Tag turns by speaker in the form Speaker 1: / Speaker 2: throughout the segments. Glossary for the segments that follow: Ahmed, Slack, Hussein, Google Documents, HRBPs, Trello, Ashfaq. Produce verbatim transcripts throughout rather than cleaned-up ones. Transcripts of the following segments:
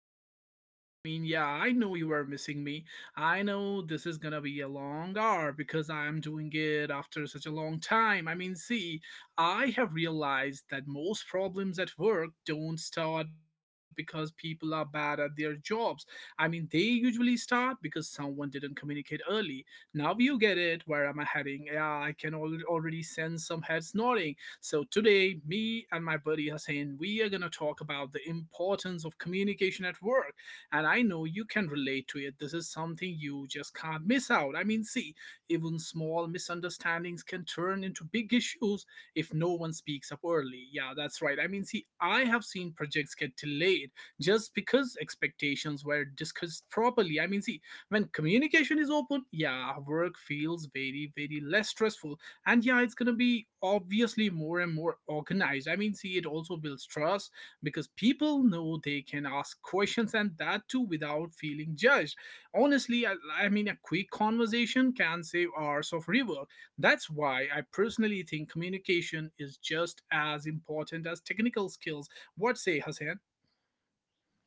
Speaker 1: podcast. I mean, yeah, I know you are missing me. I know this is gonna be a long hour because I'm doing it after such a long time. I mean, see, I have realized that most problems at work don't start because people are bad at their jobs. I mean, they usually start because someone didn't communicate early. Now you get it. Where am I heading? Yeah, I can al- already sense some heads nodding, so today, me and my buddy Hussein, we are going to talk about the importance of communication at work. And I know you can relate to it. This is something you just can't miss out. I mean, see, even small misunderstandings can turn into big issues if no one speaks up early. Yeah, that's right. I mean, see, I have seen projects get delayed just because expectations were discussed properly. I mean, see, when communication is open, yeah, work feels very, very less stressful, and yeah, it's going to be obviously more and more organized. I mean, see, it also builds trust because people know they can ask questions, and that too without feeling judged. Honestly, i, I mean, a quick conversation can save hours of rework. That's why I personally think communication is just as important as technical skills. What say, Hasan?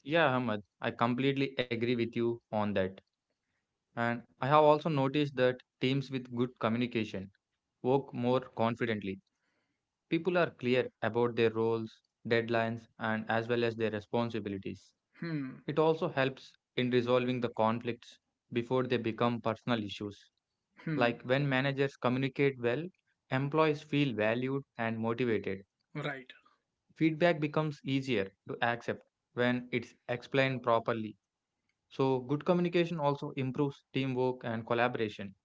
Speaker 2: Yeah, Ahmed, I completely agree with you on that. And I have also noticed that teams with good communication work more confidently. People are clear about their roles, deadlines, and as well as their responsibilities.
Speaker 1: Hmm.
Speaker 2: It also helps in resolving the conflicts before they become personal issues.
Speaker 1: Hmm.
Speaker 2: Like when managers communicate well, employees feel valued and motivated.
Speaker 1: Right.
Speaker 2: Feedback becomes easier to accept when it's explained properly. So, good communication also improves teamwork and collaboration.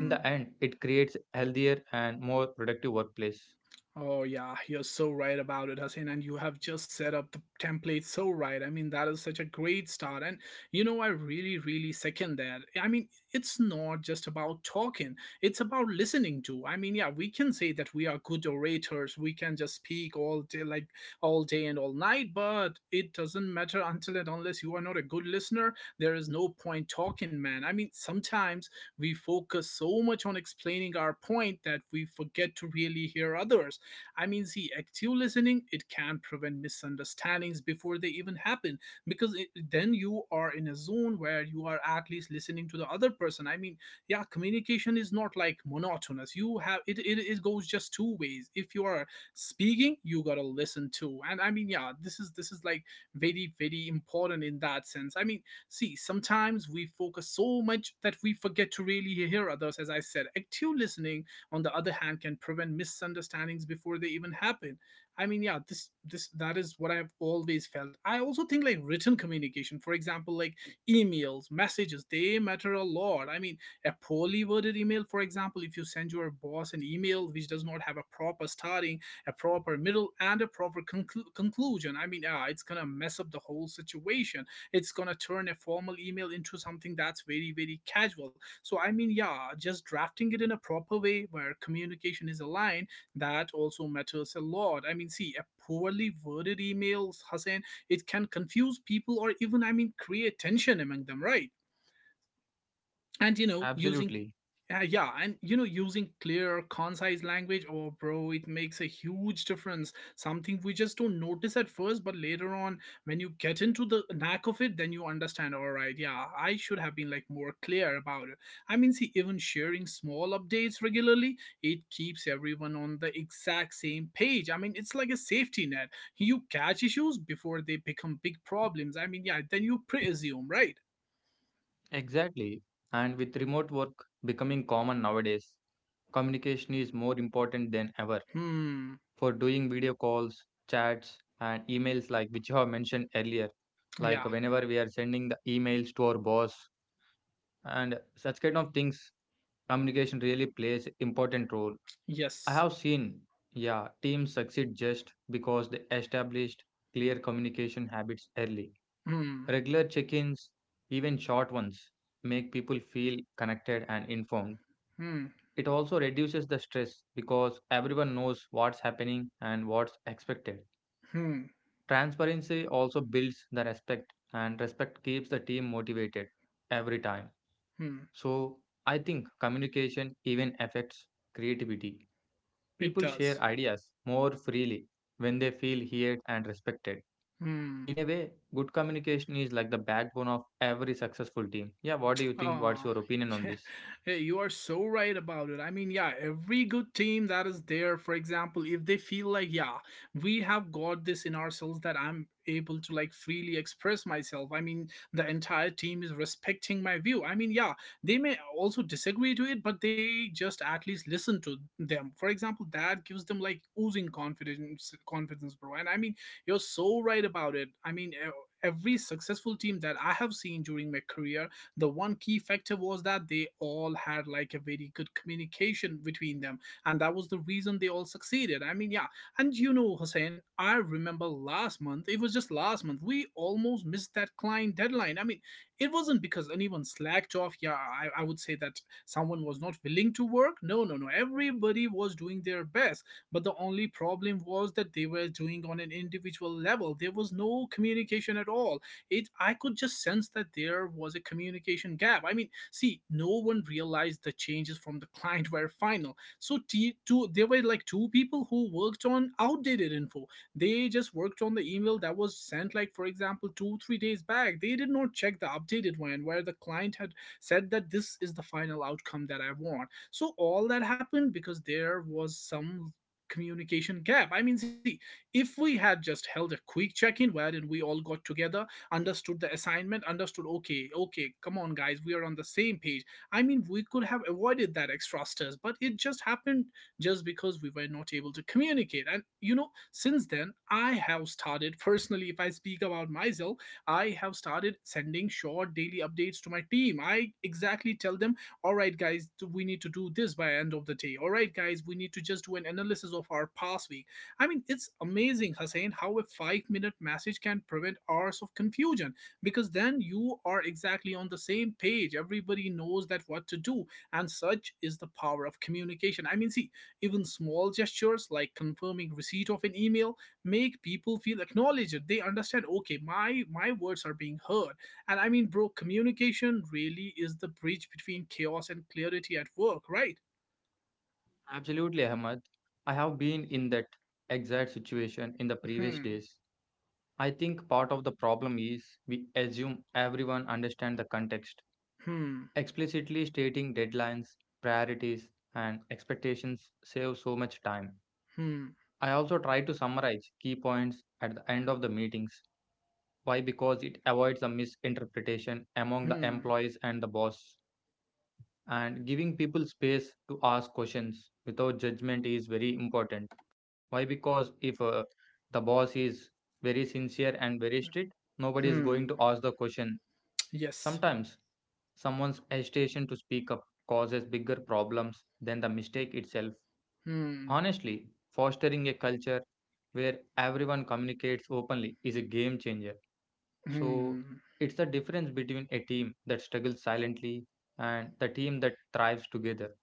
Speaker 2: In the end, it creates a healthier and more productive workplace.
Speaker 1: Oh yeah, you're so right about it, Hussein, and you have just set up the template so right. I mean, that is such a great start, and you know, I really, really second that. I mean, it's not just about talking; it's about listening to. I mean, yeah, we can say that we are good orators. We can just speak all day, like all day and all night, but it doesn't matter until and unless you are not a good listener. There is no point talking, man. I mean, sometimes we focus so much on explaining our point that we forget to really hear others. I mean, see, active listening, it can prevent misunderstandings before they even happen, because it, then you are in a zone where you are at least listening to the other person. I mean, yeah, communication is not like monotonous. You have it. It, it goes just two ways. If you are speaking, you gotta listen too. And I mean, yeah, this is this is like very very important in that sense. I mean, see, sometimes we focus so much that we forget to really hear others. As I said, active listening, on the other hand, can prevent misunderstandings before they even happen. I mean, yeah, this this that is what I've always felt. I also think like written communication, for example, like emails, messages, they matter a lot. I mean, a poorly worded email, for example, if you send your boss an email which does not have a proper starting, a proper middle, and a proper conclu- conclusion, I mean, yeah, it's gonna mess up the whole situation. It's gonna turn a formal email into something that's very very casual. So, I mean, yeah, just drafting it in a proper way where communication is aligned, that also matters a lot. I mean, see, a poorly worded emails, Hussein, it can confuse people or even, I mean, create tension among them, right? And you know, using
Speaker 2: Absolutely.
Speaker 1: uh, yeah, and you know, using clear, concise language, oh bro, it makes a huge difference. Something we just don't notice at first, but later on, when you get into the knack of it, then you understand, all right, yeah, I should have been like more clear about it. I mean, see, even sharing small updates regularly, it keeps everyone on the exact same page. I mean, it's like a safety net. You catch issues before they become big problems. I mean, yeah, then you pre-assume, right?
Speaker 2: Exactly. And with remote work becoming common nowadays, communication is more important than ever.
Speaker 1: Hmm.
Speaker 2: For doing video calls, chats, and emails, like which you have mentioned earlier, like
Speaker 1: Yeah.
Speaker 2: whenever we are sending the emails to our boss and such kind of things, communication really plays important role. I
Speaker 1: Yes.
Speaker 2: have seen, yeah, teams succeed just because they established clear communication habits early.
Speaker 1: Hmm.
Speaker 2: Regular check ins, even short ones, make people feel connected and informed.
Speaker 1: Hmm.
Speaker 2: It also reduces the stress because everyone knows what's happening and what's expected.
Speaker 1: Hmm.
Speaker 2: Transparency also builds the respect, and respect keeps the team motivated every time.
Speaker 1: Hmm.
Speaker 2: So, I think communication even affects creativity.
Speaker 1: It
Speaker 2: People share
Speaker 1: does.
Speaker 2: ideas more freely when they feel heard and respected.
Speaker 1: Hmm.
Speaker 2: In a way, good communication is like the backbone of every successful team. Yeah, what do you think? What's
Speaker 1: Oh,
Speaker 2: your opinion on this?
Speaker 1: hey, you are so right about it. I mean, yeah, every good team that is there, for example, if they feel like, yeah, we have got this in ourselves that I'm able to like freely express myself. I mean, the entire team is respecting my view. I mean, yeah, they may also disagree to it, but they just at least listen to them. For example, that gives them like oozing confidence, confidence, bro. And I mean, you're so right about it. I mean, e- every successful team that I have seen during my career, the one key factor was that they all had like a very good communication between them, and that was the reason they all succeeded. I mean, yeah. And you know, Hussein, I remember last month, it was just last month, we almost missed that client deadline. I mean, it wasn't because anyone slacked off. Yeah, I, I would say that someone was not willing to work. No, no, no, everybody was doing their best, but the only problem was that they were doing on an individual level. There was no communication at all. It, I could just sense that there was a communication gap. I mean, see, no one realized the changes from the client were final, so t- two, there were like two people who worked on outdated info. They just worked on the email that was sent, like, for example, two three days back. They did not check the updated one where the client had said that this is the final outcome that I want. So all that happened because there was some communication gap. I mean, see, if we had just held a quick check in, wherein we all got together, understood the assignment, understood, okay, okay, come on guys, we are on the same page, I mean, we could have avoided that extra stress, but it just happened just because we were not able to communicate. And you know, since then, I have started, personally, if I speak about myself, I have started sending short daily updates to my team. I exactly tell them, all right guys, we need to do this by end of the day, all right guys, we need to just do an analysis of our past week. I mean, it's amazing, Hussein, how a five minute message can prevent hours of confusion, because then you are exactly on the same page. Everybody knows that what to do, and such is the power of communication. I mean, see, even small gestures like confirming receipt of an email make people feel acknowledged. They understand, okay, my my words are being heard. And I mean, bro, communication really is the bridge between chaos and clarity at work, right?
Speaker 2: Absolutely, Ahmad. I have been in that exact situation in the previous
Speaker 1: Hmm.
Speaker 2: days. I think part of the problem is we assume everyone understands the context.
Speaker 1: Hmm.
Speaker 2: Explicitly stating deadlines, priorities, and expectations saves so much time.
Speaker 1: Hmm.
Speaker 2: I also try to summarize key points at the end of the meetings. Why? Because it avoids a misinterpretation among the
Speaker 1: Hmm.
Speaker 2: employees and the boss. And giving people space to ask questions without judgment is very important. Why? Because if uh, the boss is very sincere and very strict, nobody is
Speaker 1: Hmm.
Speaker 2: going to ask the question.
Speaker 1: Yes.
Speaker 2: Sometimes someone's hesitation to speak up causes bigger problems than the mistake itself.
Speaker 1: Hmm.
Speaker 2: Honestly, fostering a culture where everyone communicates openly is a game changer. So
Speaker 1: Hmm.
Speaker 2: it's the difference between a team that struggles silently and the team that thrives together.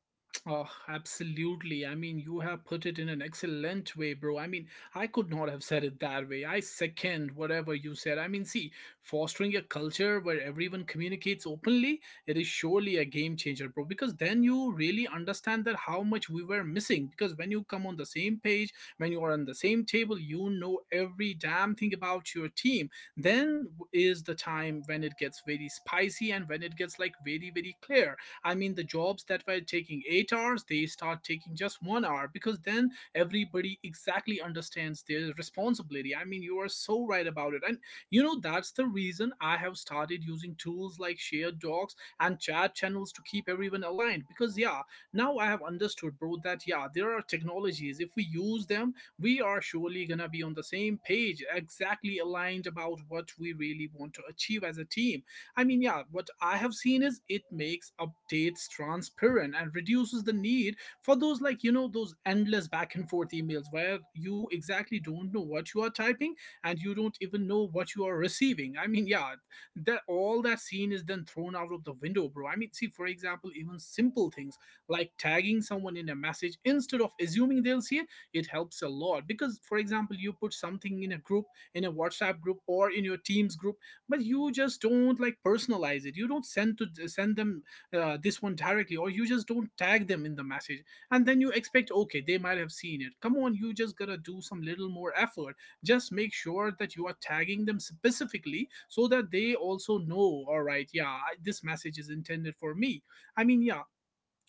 Speaker 1: Oh, absolutely. I mean, you have put it in an excellent way, bro. I mean, I could not have said it that way. I second whatever you said. I mean, see, fostering a culture where everyone communicates openly, it is surely a game changer, bro, because then you really understand that how much we were missing, because when you come on the same page, when you are on the same table, you know every damn thing about your team. Then is the time when it gets very spicy and when it gets like very very clear. I mean, the jobs that were taking eight hours, they start taking just one hour, because then everybody exactly understands their responsibility. I mean, you are so right about it. And you know, that's the reason I have started using tools like shared docs and chat channels to keep everyone aligned, because, yeah, now I have understood, bro, that yeah, there are technologies. If we use them, we are surely gonna be on the same page, exactly aligned about what we really want to achieve as a team. I mean, yeah, what I have seen is it makes updates transparent and reduces the need for those, like, you know, those endless back and forth emails where you exactly don't know what you are typing and you don't even know what you are receiving. I mean, yeah, that, all that scene is then thrown out of the window, bro. I mean, see, for example, even simple things like tagging someone in a message instead of assuming they'll see it, it helps a lot because, for example, you put something in a group, in a WhatsApp group, or in your Teams group, but you just don't like personalize it, you don't send to send them uh, this one directly, or you just don't tag them in the message, and then you expect okay, they might have seen it. Come on, you just gotta do some little more effort. Just make sure that you are tagging them specifically so that they also know, all right, yeah, I- this message is intended for me. I mean, yeah.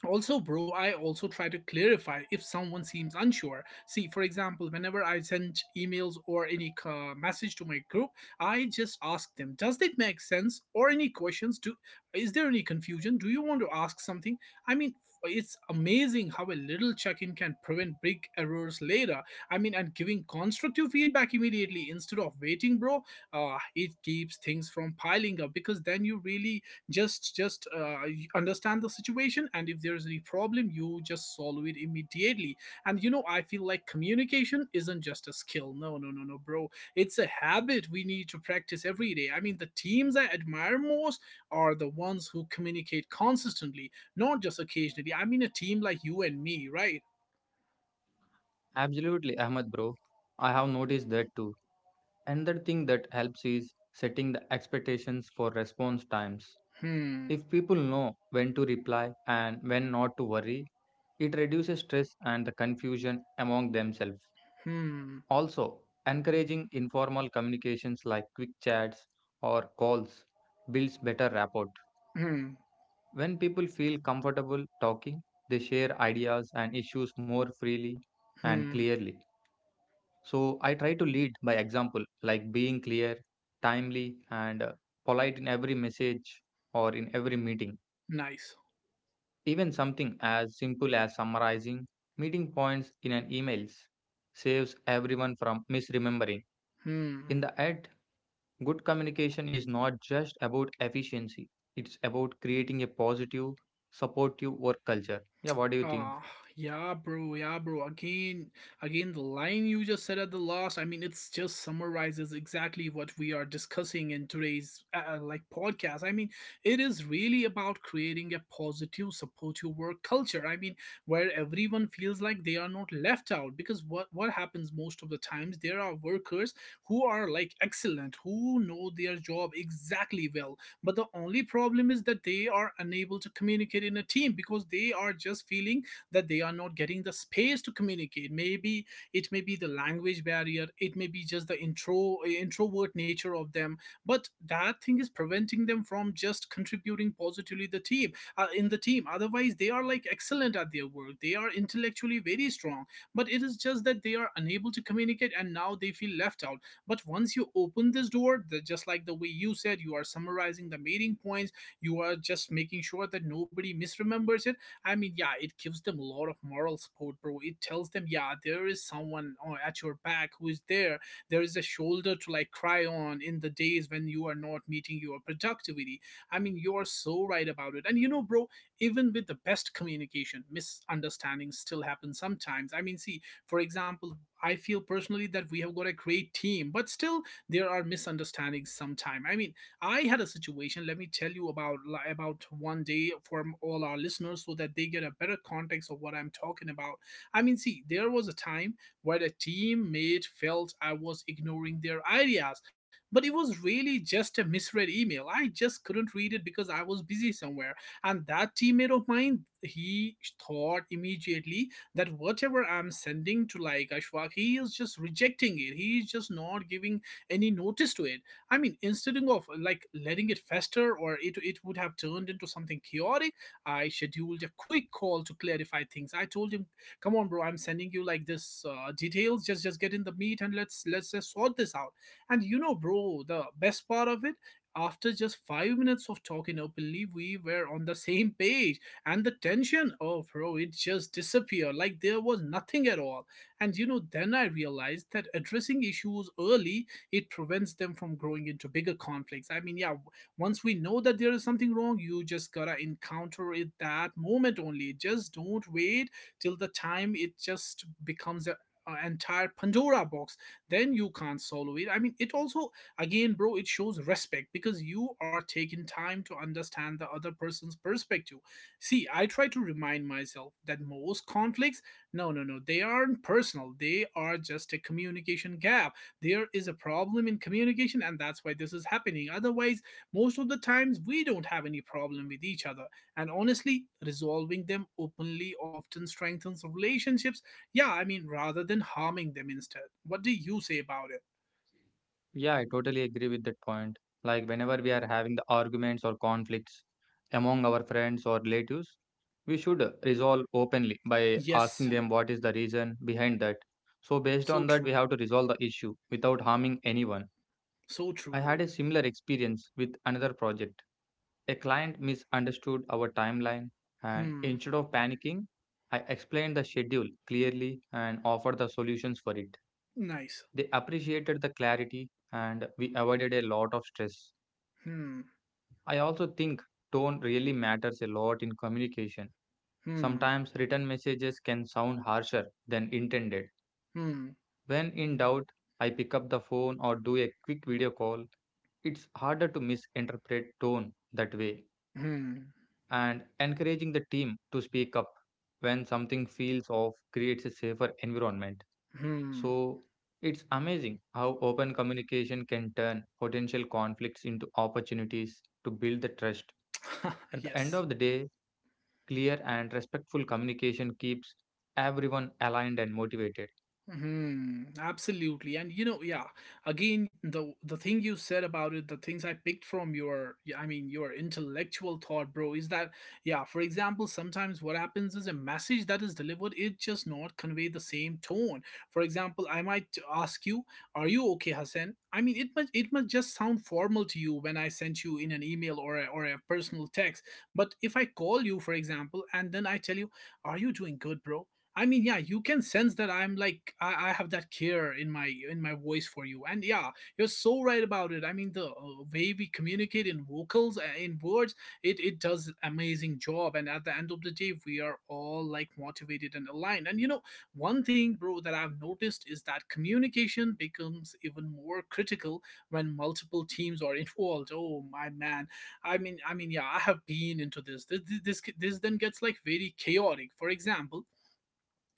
Speaker 1: Also bro, I also try to clarify if someone seems unsure. See, for example, whenever I send emails or any uh, message to my group, I just ask them, does it make sense, or any questions, do— is there any confusion, do you want to ask something. I mean, it's amazing how a little check-in can prevent big errors later. I mean, and giving constructive feedback immediately instead of waiting, bro, uh, it keeps things from piling up, because then you really just just uh, y- understand the situation, and if there's any problem you just solve it immediately. And you know, I feel like communication isn't just a skill. No, no, no, no, bro, it's a habit we need to practice every day. I mean, the teams I admire most are the ones who communicate consistently, not just occasionally. I mean, a team like you and me, right?
Speaker 2: Absolutely, Ahmed, bro. I have noticed that too. Another thing that helps is setting the expectations for response times.
Speaker 1: Hmm.
Speaker 2: If people know when to reply and when not to worry, it reduces stress and the confusion among themselves.
Speaker 1: Hmm.
Speaker 2: Also, encouraging informal communications like quick chats or calls builds better rapport.
Speaker 1: Hmm.
Speaker 2: When people feel comfortable talking, they share ideas and issues more freely and
Speaker 1: Hmm.
Speaker 2: clearly. So I try to lead by example, like being clear, timely, and uh, polite in every message or in every meeting.
Speaker 1: Nice.
Speaker 2: Even something as simple as summarizing meeting points in an emails saves everyone from misremembering.
Speaker 1: Hmm.
Speaker 2: In the end, good communication is not just about efficiency. It's about creating a positive, supportive work culture. Yeah, what do you think?
Speaker 1: Ah, yeah, bro, yeah, bro. Again, again, the line you just said at the last, I mean, it's just summarizes exactly what we are discussing in today's uh, like podcast. I mean, it is really about creating a positive, supportive work culture. I mean, where everyone feels like they are not left out, because what what happens most of the times, there are workers who are like excellent, who know their job exactly well, but the only problem is that they are unable to communicate in a team because they are just feeling that they are not getting the space to communicate. Maybe it may be the language barrier, it may be just the intro introvert nature of them, but that thing is preventing them from just contributing positively the team, uh, in the team. Otherwise they are like excellent at their work, they are intellectually very strong, but it is just that they are unable to communicate and now they feel left out. But once you open this door, the, just like the way you said, you are summarizing the meeting points, you are just making sure that nobody misremembers it. I mean, yeah, it gives them a lot of moral support, bro. It tells them, yeah, there is someone uh, at your back who is there. There is a shoulder to like cry on in the days when you are not meeting your productivity. I mean, you are so right about it. And you know, bro, even with the best communication, misunderstandings still happen sometimes. I mean, see, for example, I feel personally that we have got a great team, but still there are misunderstandings sometime. I mean, I had a situation. Let me tell you about about one day for all our listeners so that they get a better context of what I'm talking about. I mean, see, there was a time where a teammate felt I was ignoring their ideas, but it was really just a misread email. I just couldn't read it because I was busy somewhere, and that teammate of mine, he thought immediately that whatever I'm sending to like Ashfaq, he is just rejecting it. He is just not giving any notice to it. I mean, instead of like letting it fester, or it, it would have turned into something chaotic, I scheduled a quick call to clarify things. I told him, "Come on, bro, I'm sending you like this uh, details. Just just get in the meat and let's let's just sort this out." And you know, bro, the best part of it. After just five minutes of talking openly, we were on the same page, and the tension, oh bro, it just disappeared like there was nothing at all. And you know, then I realized that addressing issues early, it prevents them from growing into bigger conflicts. I mean, yeah, w- once we know that there is something wrong, you just gotta encounter it that moment only, just don't wait till the time it just becomes a a entire pandora box, then you can't solve it. I mean, it also, again bro, it shows respect because you are taking time to understand the other person's perspective. See, I try to remind myself that most conflicts, no, no, no, they aren't personal. They are just a communication gap. There is a problem in communication, and that's why this is happening. Otherwise, most of the times, we don't have any problem with each other. And honestly, resolving them openly often strengthens relationships. Yeah, I mean, rather than harming them instead. What do you say about it?
Speaker 2: Yeah, I totally agree with that point. Like whenever we are having the arguments or conflicts among our friends or relatives, we should resolve openly by asking
Speaker 1: Yes,
Speaker 2: them what is the reason behind that. So
Speaker 1: so
Speaker 2: based on
Speaker 1: true.
Speaker 2: that, we have to resolve the issue without harming anyone.
Speaker 1: So true,
Speaker 2: I
Speaker 1: bro.
Speaker 2: had a similar experience with another project. A client misunderstood our timeline and
Speaker 1: Hmm,
Speaker 2: instead of panicking, I explained the schedule clearly and offered the solutions for it.
Speaker 1: nice.
Speaker 2: They appreciated the clarity and we avoided a lot of stress.
Speaker 1: Hmm,
Speaker 2: I also think tone really matters a lot in communication.
Speaker 1: hmm,
Speaker 2: Sometimes written messages can sound harsher than intended.
Speaker 1: hmm.
Speaker 2: When in doubt, I pick up the phone or do a quick video call. It's harder to misinterpret tone that way.
Speaker 1: Hmm.
Speaker 2: And encouraging the team to speak up when something feels off creates a safer environment.
Speaker 1: Hmm.
Speaker 2: So it's amazing how open communication can turn potential conflicts into opportunities to build the trust. At the end
Speaker 1: yes.
Speaker 2: of the day, clear and respectful communication keeps everyone aligned and motivated.
Speaker 1: Hmm. Absolutely. And you know, yeah. Again, the the thing you said about it, the things I picked from your, yeah, I mean, your intellectual thought, bro, is that yeah. For example, sometimes what happens is a message that is delivered, it just not convey the same tone. For example, I might ask you, "Are you okay, Hassan?" I mean, it must it must just sound formal to you when I sent you in an email or a, or a personal text. But if I call you, for example, and then I tell you, "Are you doing good, bro?" I mean, yeah, you can sense that I'm like I, I have that care in my in my voice for you, and yeah, you're so right about it. I mean, the uh, way we communicate in vocals, uh, in words, it it does amazing job. And at the end of the day, we are all like motivated and aligned. And you know, one thing, bro, that I've noticed is that communication becomes even more critical when multiple teams are involved. Oh my man, I mean, I mean, yeah, I have been into this. This this this, this then gets like very chaotic. For example,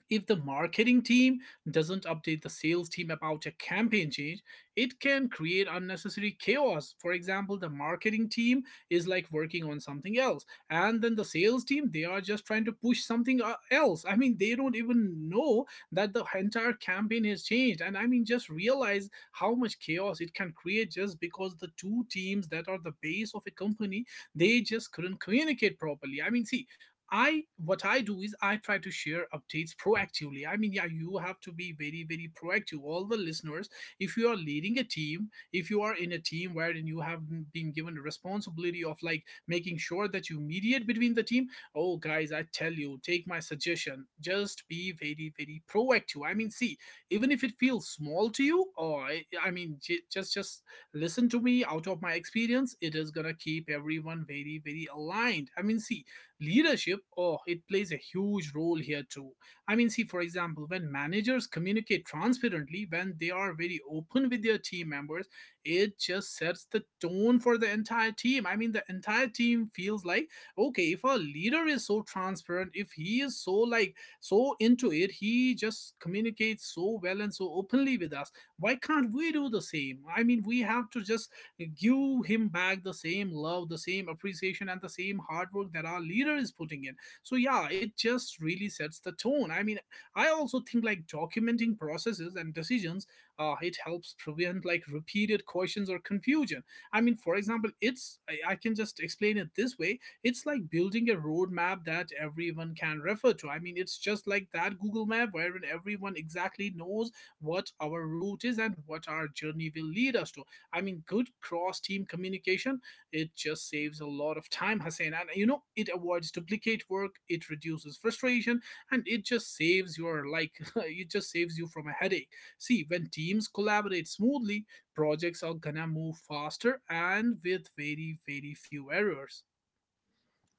Speaker 1: if the marketing team doesn't update the sales team about a campaign change, it can create unnecessary chaos. For example, the marketing team is like working on something else, and then the sales team they are just trying to push something uh, else. I mean, they don't even know that the entire campaign has changed. And I mean, just realize how much chaos it can create just because the two teams that are the base of a company, they just couldn't communicate properly. I mean, see, I what I do is I try to share updates proactively. I mean, yeah, you have to be very, very proactive. All the listeners, if you are leading a team, if you are in a team wherein you have been given the responsibility of like making sure that you mediate between the team, oh guys, I tell you, take my suggestion. Just be very, very proactive. I mean, see, even if it feels small to you, or I I mean, j- just just listen to me out of my experience. It is gonna keep everyone very, very aligned. I mean, see, leadership, oh, it plays a huge role here too. I mean, see, for example, when managers communicate transparently, when they are very open with their team members, it just sets the tone for the entire team. I mean, the entire team feels like, okay, if a leader is so transparent, if he is so like so into it, he just communicates so well and so openly with us, why can't we do the same? I mean, we have to just give him back the same love, the same appreciation, and the same hard work that our leader is putting in. So yeah, it just really sets the tone. I mean, I also think like documenting processes and decisions, uh, it helps prevent like repeated questions or confusion. I mean, for example, it's I, I can just explain it this way. It's like building a roadmap that everyone can refer to. I mean, it's just like that Google map wherein everyone exactly knows what our route is and what our journey will lead us to. I mean, good cross team communication, it just saves a lot of time, Hussein. And you know, it avoids duplicate work, it reduces frustration, and it just saves your, like, it just saves you from a headache. See, when teams collaborate smoothly, projects are gonna move faster and with very, very few errors.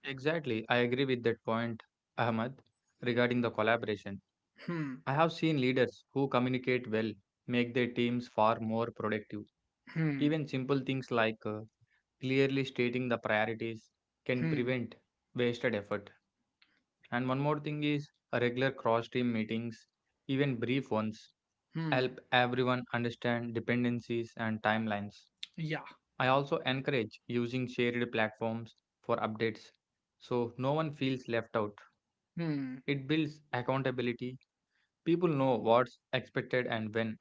Speaker 2: Exactly, I agree with that point, Ahmad, regarding the collaboration.
Speaker 1: Hmm,
Speaker 2: I have seen leaders who communicate well make their teams far more productive.
Speaker 1: hmm,
Speaker 2: Even simple things like uh, clearly stating the priorities can
Speaker 1: hmm,
Speaker 2: prevent wasted effort. And one more thing is a regular cross team meetings, even brief ones,
Speaker 1: hmm.
Speaker 2: help everyone understand dependencies and timelines.
Speaker 1: Yeah.
Speaker 2: I also encourage using shared platforms for updates so no one feels left out.
Speaker 1: Hmm,
Speaker 2: It builds accountability. People know what's expected and when.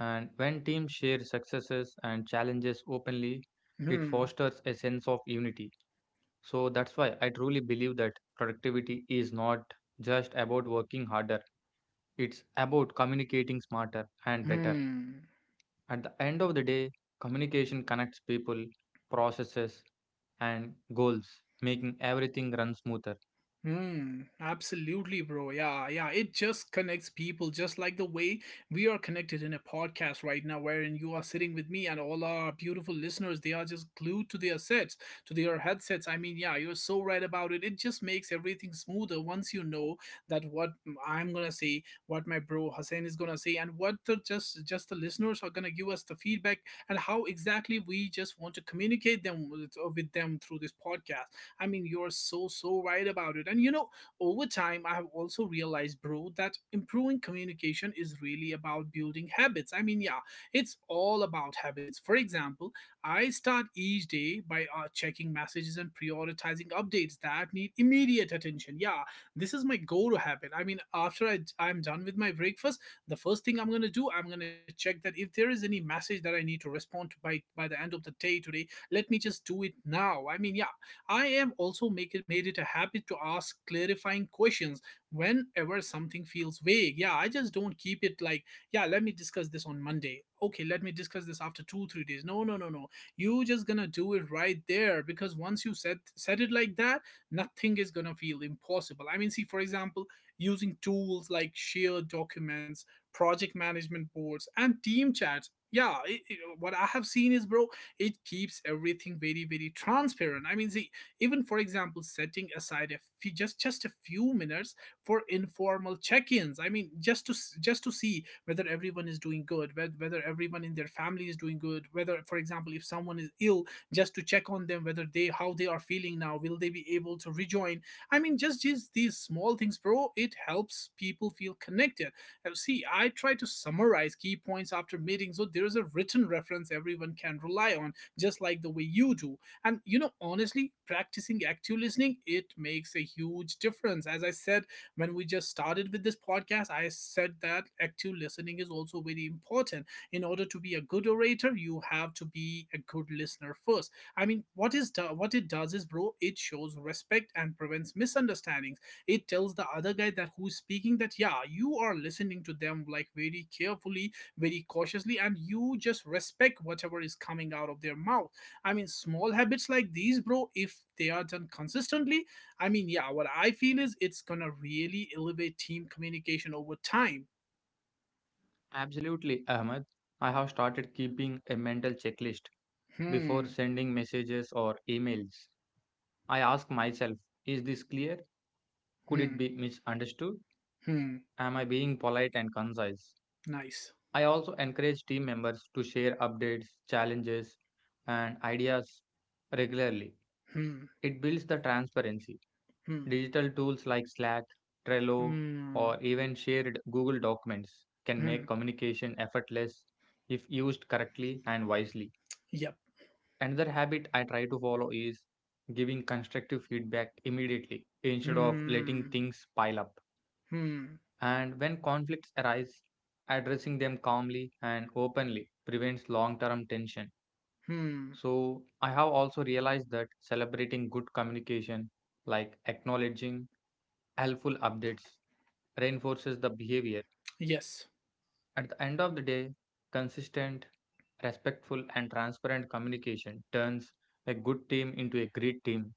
Speaker 2: And when teams share successes and challenges openly, it
Speaker 1: hmm,
Speaker 2: fosters a sense of unity. So that's why I truly believe that productivity is not just about working harder. It's about communicating smarter and better.
Speaker 1: hmm.
Speaker 2: At the end of the day, communication connects people, processes, and goals, making everything run smoother.
Speaker 1: Hmm, absolutely, bro. Yeah, yeah. It just connects people, just like the way we are connected in a podcast right now, wherein you are sitting with me and all our beautiful listeners. They are just glued to their sets, to their headsets. I mean, yeah, you're so right about it. It just makes everything smoother once you know that what I'm gonna say, what my bro Hussein is gonna say, and what the just just the listeners are gonna give us the feedback and how exactly we just want to communicate them with, with them through this podcast. I mean, you're so, so right about it. And you know, over time, I have also realized, bro, that improving communication is really about building habits. I mean, yeah, it's all about habits. For example, I start each day by uh, checking messages and prioritizing updates that need immediate attention. Yeah, this is my go to habit. I mean, after I, I'm done with my breakfast, the first thing I'm going to do, I'm going to check that if there is any message that I need to respond to by, by the end of the day today, let me just do it now. I mean, yeah, I am also make it, made it a habit to ask clarifying questions whenever something feels vague. Yeah, I just don't keep it like, yeah, let me discuss this on Monday. Okay, let me discuss this after two, three days. No, no, no, no. You just gonna do it right there because once you set set it like that, nothing is gonna feel impossible. I mean, see, for example, using tools like shared documents, project management boards, and team chats. Yeah, it, it- what I have seen is, bro, it keeps everything very, very transparent. I mean, see, even for example setting aside a few, just just a few minutes for informal check-ins. I mean, just to s- just to see whether everyone is doing good, whe- whether everyone in their family is doing good, whether for example if someone is ill, just to check on them, whether they, how they are feeling now, will they be able to rejoin. I mean, just these these small things, bro, it helps people feel connected. Uh, see, I try to summarize key points after meetings so there is a written reference everyone can rely on, just like the way you do. And you know, honestly, practicing active listening, it makes a huge difference. As I said, when we just started with this podcast, I said that active listening is also very important. In order to be a good orator, you have to be a good listener first. I mean, what is do- what it does is, bro, it shows respect and prevents misunderstandings. It tells the other guy that who's speaking that yeah, you are listening to them like very carefully, very cautiously, and you just respect whatever is coming out of their mouth. I mean, small habits like these, bro, if they are done consistently, I mean, yeah, what I feel is it's gonna really elevate team communication over time.
Speaker 2: Absolutely, Ahmed. I have started keeping a mental checklist before
Speaker 1: Hmm,
Speaker 2: sending messages or emails. I ask myself, is this clear? Could
Speaker 1: hmm,
Speaker 2: it be misunderstood?
Speaker 1: hmm,
Speaker 2: Am I being polite and concise?
Speaker 1: nice.
Speaker 2: I also encourage team members to share updates, challenges, and ideas regularly.
Speaker 1: Hmm,
Speaker 2: It builds the transparency.
Speaker 1: hmm,
Speaker 2: Digital tools like Slack, Trello,
Speaker 1: hmm,
Speaker 2: or even shared Google Documents can
Speaker 1: hmm,
Speaker 2: make communication effortless if used correctly and wisely.
Speaker 1: yep.
Speaker 2: Another habit I try to follow is giving constructive feedback immediately instead of letting
Speaker 1: Hmm,
Speaker 2: things pile up.
Speaker 1: hmm,
Speaker 2: And when conflicts arise, addressing them calmly and openly prevents long term tension.
Speaker 1: hmm,
Speaker 2: So, I have also realized that celebrating good communication, like acknowledging helpful updates, reinforces the behavior.
Speaker 1: yes.
Speaker 2: At the end of the day, consistent, respectful, and transparent communication turns a good team into a great team.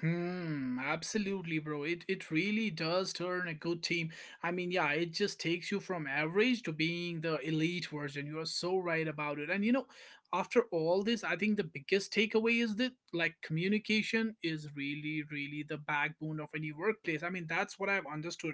Speaker 1: Hmm, absolutely, bro. It it really does turn a good team. I mean, yeah, it just takes you from average to being the elite version. You are so right about it. And you know, after all this, I think the biggest takeaway is that like communication is really, really the backbone of any workplace. I mean, that's what I've understood.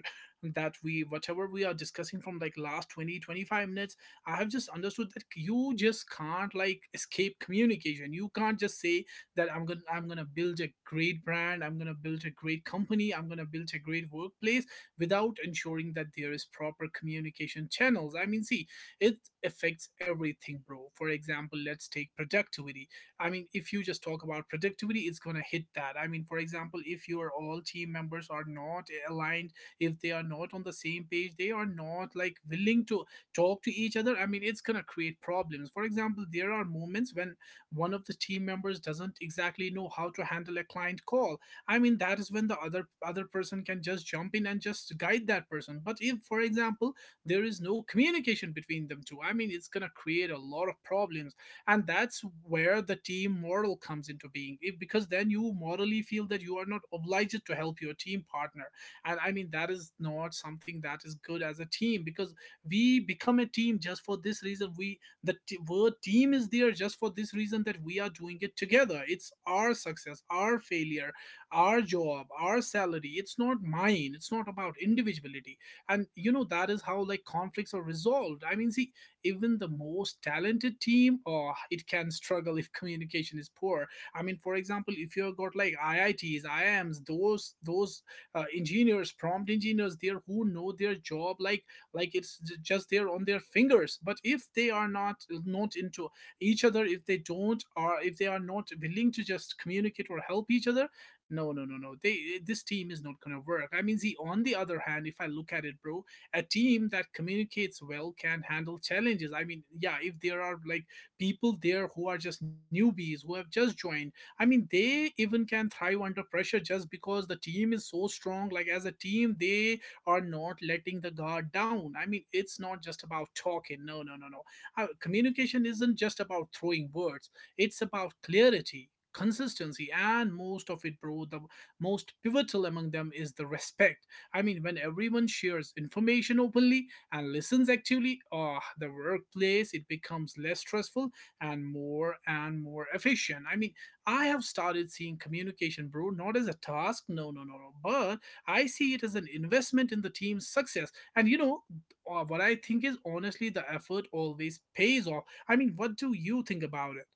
Speaker 1: That we whatever we are discussing from like last twenty twenty five minutes, I have just understood that you just can't like escape communication. You can't just say that i'm gonna i'm gonna build a great brand, I'm gonna build a great company, I'm gonna build a great workplace without ensuring that there is proper communication channels. I mean, see, it affects everything, bro. For example, let's take productivity. I mean, if you just talk about productivity, it's gonna hit that. I mean, for example, if your all team members are not aligned, if they are not on the same page, they are not like willing to talk to each other, I mean, it's gonna create problems. For example, there are moments when one of the team members doesn't exactly know how to handle a client call. I mean, that is when the other other person can just jump in and just guide that person. But if for example there is no communication between them two, I mean, it's going to create a lot of problems. And that's where the team moral comes into being. If because then you morally feel that you are not obliged to help your team partner. And I mean, that is not something that is good as a team because we become a team just for this reason. We, the t- word team, is there just for this reason, that we are doing it together. It's our success, our failure, our job, our salary. It's not mine. It's not about individuality. And you know, that is how like conflicts are resolved. I mean, see, even the most talented team, oh, it can struggle if communication is poor. I mean, for example, if you've got like I I Ts I I Ms, those those uh, engineers prompt engineers there who know their job like like it's j- just there on their fingers. But if they are not uh, not into each other, if they don't, or if they are not willing to just communicate or help each other, no, no, no, no, they eh, this team is not gonna work. I mean, see, on the other hand, if I look at it, bro, a team that communicates well can handle challenges. I mean, yeah, if there are like people there who are just newbies, who have just joined, I mean, they even can thrive under pressure just because the team is so strong. Like as a team, they are not letting the guard down. I mean, it's not just about talking. No, no, no, no. Uh, communication isn't just about throwing words. It's about clarity, consistency, and most of it, bro, the most pivotal among them is the respect. I mean, when everyone shares information openly and listens actively, uh, the workplace, it becomes less stressful and more and more efficient. I mean, I have started seeing communication, bro, not as a task, no, no, no, no, but I see it as an investment in the team's success. And you know, uh, what I think is honestly, the effort always pays off. I mean, what do you think about it?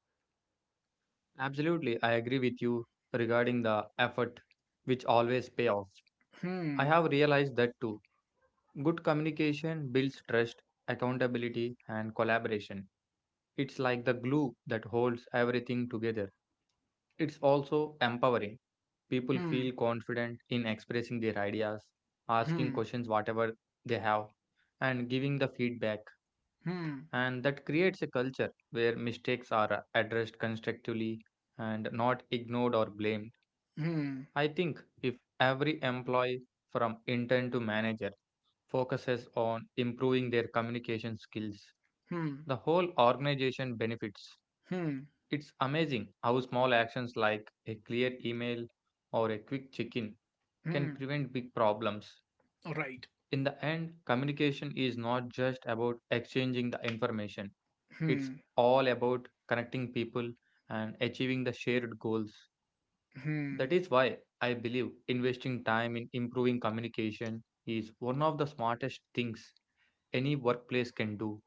Speaker 2: Absolutely, I agree with you regarding the effort, which always pay off. I
Speaker 1: Hmm,
Speaker 2: have realized that too. Good communication builds trust, accountability, and collaboration. It's like the glue that holds everything together. It's also empowering. People
Speaker 1: hmm,
Speaker 2: feel confident in expressing their ideas, asking
Speaker 1: hmm,
Speaker 2: questions, whatever they have, and giving the feedback.
Speaker 1: hmm,
Speaker 2: And that creates a culture where mistakes are addressed constructively and not ignored or blamed.
Speaker 1: hmm,
Speaker 2: I think if every employee from intern to manager focuses on improving their communication skills,
Speaker 1: hmm,
Speaker 2: the whole organization benefits.
Speaker 1: hmm,
Speaker 2: It's amazing how small actions like a clear email or a quick check in can
Speaker 1: hmm.
Speaker 2: prevent big problems.
Speaker 1: All right.
Speaker 2: In the end, communication is not just about exchanging the information, it's
Speaker 1: Hmm,
Speaker 2: all about connecting people and achieving the shared goals. That
Speaker 1: hmm.
Speaker 2: is why I believe investing time in improving communication is one of the smartest things any workplace can do.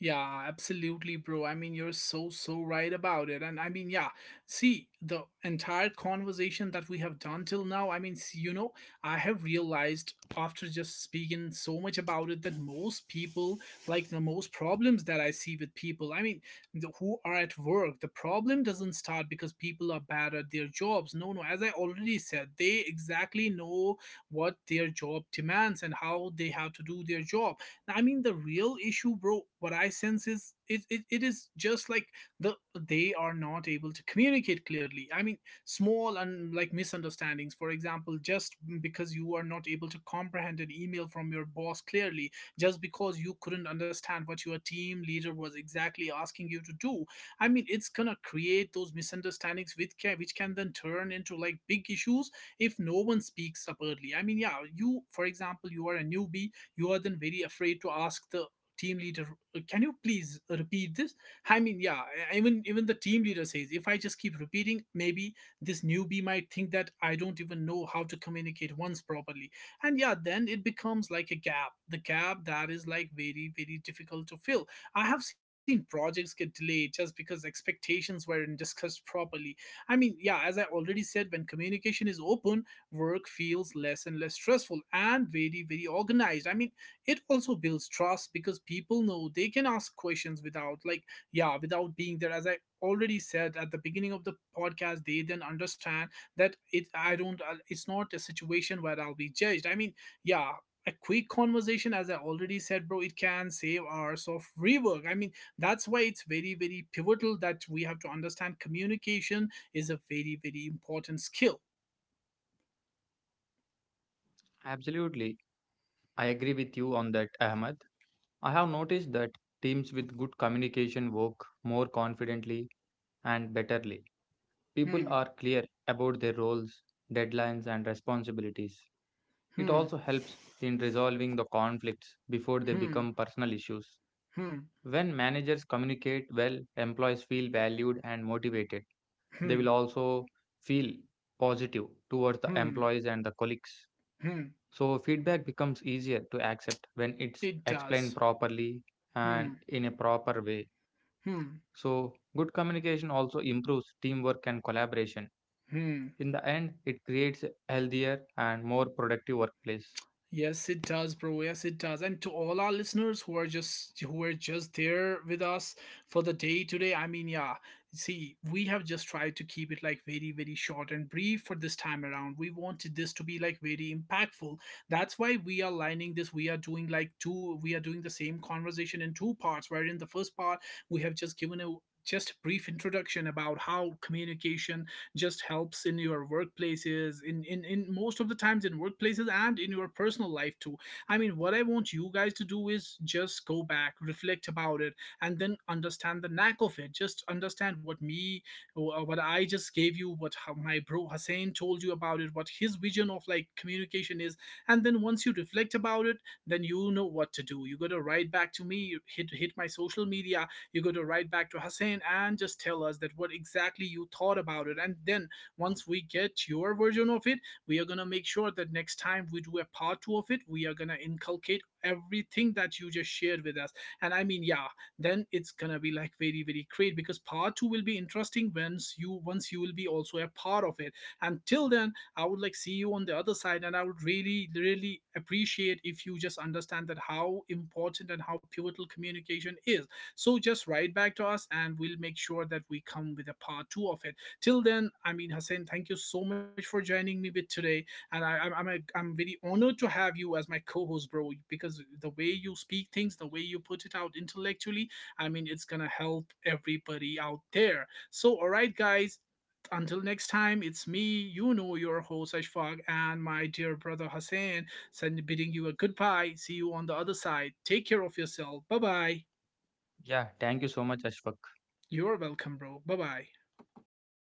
Speaker 1: Yeah, absolutely, bro. I mean, you're so, so right about it. And I mean, yeah, see, the entire conversation that we have done till now, I mean, s- you know, I have realized after just speaking so much about it that most people, like the most problems that I see with people, I mean, the, who are at work, the problem doesn't start because people are bad at their jobs. No, no, as I already said, they exactly know what their job demands and how they have to do their job. I mean, the real issue, bro, what I sense is, it, it, it is just like the they are not able to communicate clearly. I mean, small and like misunderstandings. For example, just because you are not able to comprehend an email from your boss clearly, just because you couldn't understand what your team leader was exactly asking you to do. I mean, it's gonna create those misunderstandings, which can, which can then turn into like big issues if no one speaks up early. I mean, yeah, you, for example, you are a newbie, you are then very afraid to ask the team leader, uh, can you please repeat this. I mean, yeah, e, even even the team leader says, if I just keep repeating, maybe this newbie might think that I don't even know how to communicate once properly. And yeah, then it becomes like a gap, the gap that is like very, very difficult to fill. I have seen projects get delayed just because expectations weren't discussed properly. I mean, yeah, as I already said, when communication is open, work feels less and less stressful and very, very organized. I mean, it also builds trust because people know they can ask questions without like, yeah, without being there. As I already said at the beginning of the podcast, they then understand that, it I don't uh, it's not a situation where I'll be judged. I mean, yeah, a quick conversation, as I already said, bro, it can save hours of rework. I mean, that's why it's very, very pivotal that we have to understand communication is a very, very important skill.
Speaker 2: Absolutely, I agree with you on that, Ahmed. I have noticed that teams with good communication work more confidently and betterly. People
Speaker 1: Hmm,
Speaker 2: are clear about their roles, deadlines, and responsibilities. It
Speaker 1: hmm,
Speaker 2: also helps in resolving the conflicts before they
Speaker 1: hmm,
Speaker 2: become personal issues.
Speaker 1: hmm,
Speaker 2: When managers communicate well, employees feel valued and motivated. They
Speaker 1: hmm,
Speaker 2: will also feel positive towards the
Speaker 1: hmm,
Speaker 2: employees and the colleagues.
Speaker 1: hmm,
Speaker 2: So, feedback becomes easier to accept when it's
Speaker 1: it
Speaker 2: explained
Speaker 1: does.
Speaker 2: properly and
Speaker 1: Hmm,
Speaker 2: in a proper way.
Speaker 1: hmm,
Speaker 2: So, good communication also improves teamwork and collaboration.
Speaker 1: hmm.
Speaker 2: In the end, it creates a healthier and more productive workplace.
Speaker 1: Yes, it does, bro. Yes, it does. And to all our listeners who are just, who are just there with us for the day today, I mean, yeah. See, we have just tried to keep it like very, very short and brief for this time around. We wanted this to be like very impactful. That's why we are lining this. We are doing like two. We are doing the same conversation in two parts. Where in the first part we have just given a just a brief introduction about how communication just helps in your workplaces, in, in in most of the times in workplaces, and in your personal life too. I mean, what I want you guys to do is just go back, reflect about it, and then understand the knack of it. Just understand what me wh- what I just gave you, what, how my bro Hussein told you about it, what his vision of like communication is. And then once you reflect about it, then you know what to do. You gotta write back to me, hit hit my social media. You got to write back to Hussein and just tell us that what exactly you thought about it. And then once we get your version of it, we are gonna make sure that next time we do a part two of it, we are gonna inculcate everything that you just shared with us. And I mean, yeah, then it's gonna be like very, very great because part two will be interesting once you once you will be also a part of it. Until then, I would like see you on the other side, and I would really, really appreciate if you just understand that how important and how pivotal communication is. So just write back to us and we'll make sure that we come with a part two of it. Till then, I mean, Hussein, thank you so much for joining me with today. And I, I'm, I'm, a, I'm very honored to have you as my co host, bro, because the way you speak things, the way you put it out intellectually, I mean, it's going to help everybody out there. So, all right, guys, until next time, it's me, you know, your host Ashfaq, and my dear brother Hussein, send, bidding you a goodbye. See you on the other side. Take care of yourself. Bye bye.
Speaker 2: Yeah, thank you so much, Ashfaq.
Speaker 1: You're welcome, bro. Bye bye.
Speaker 2: Bye.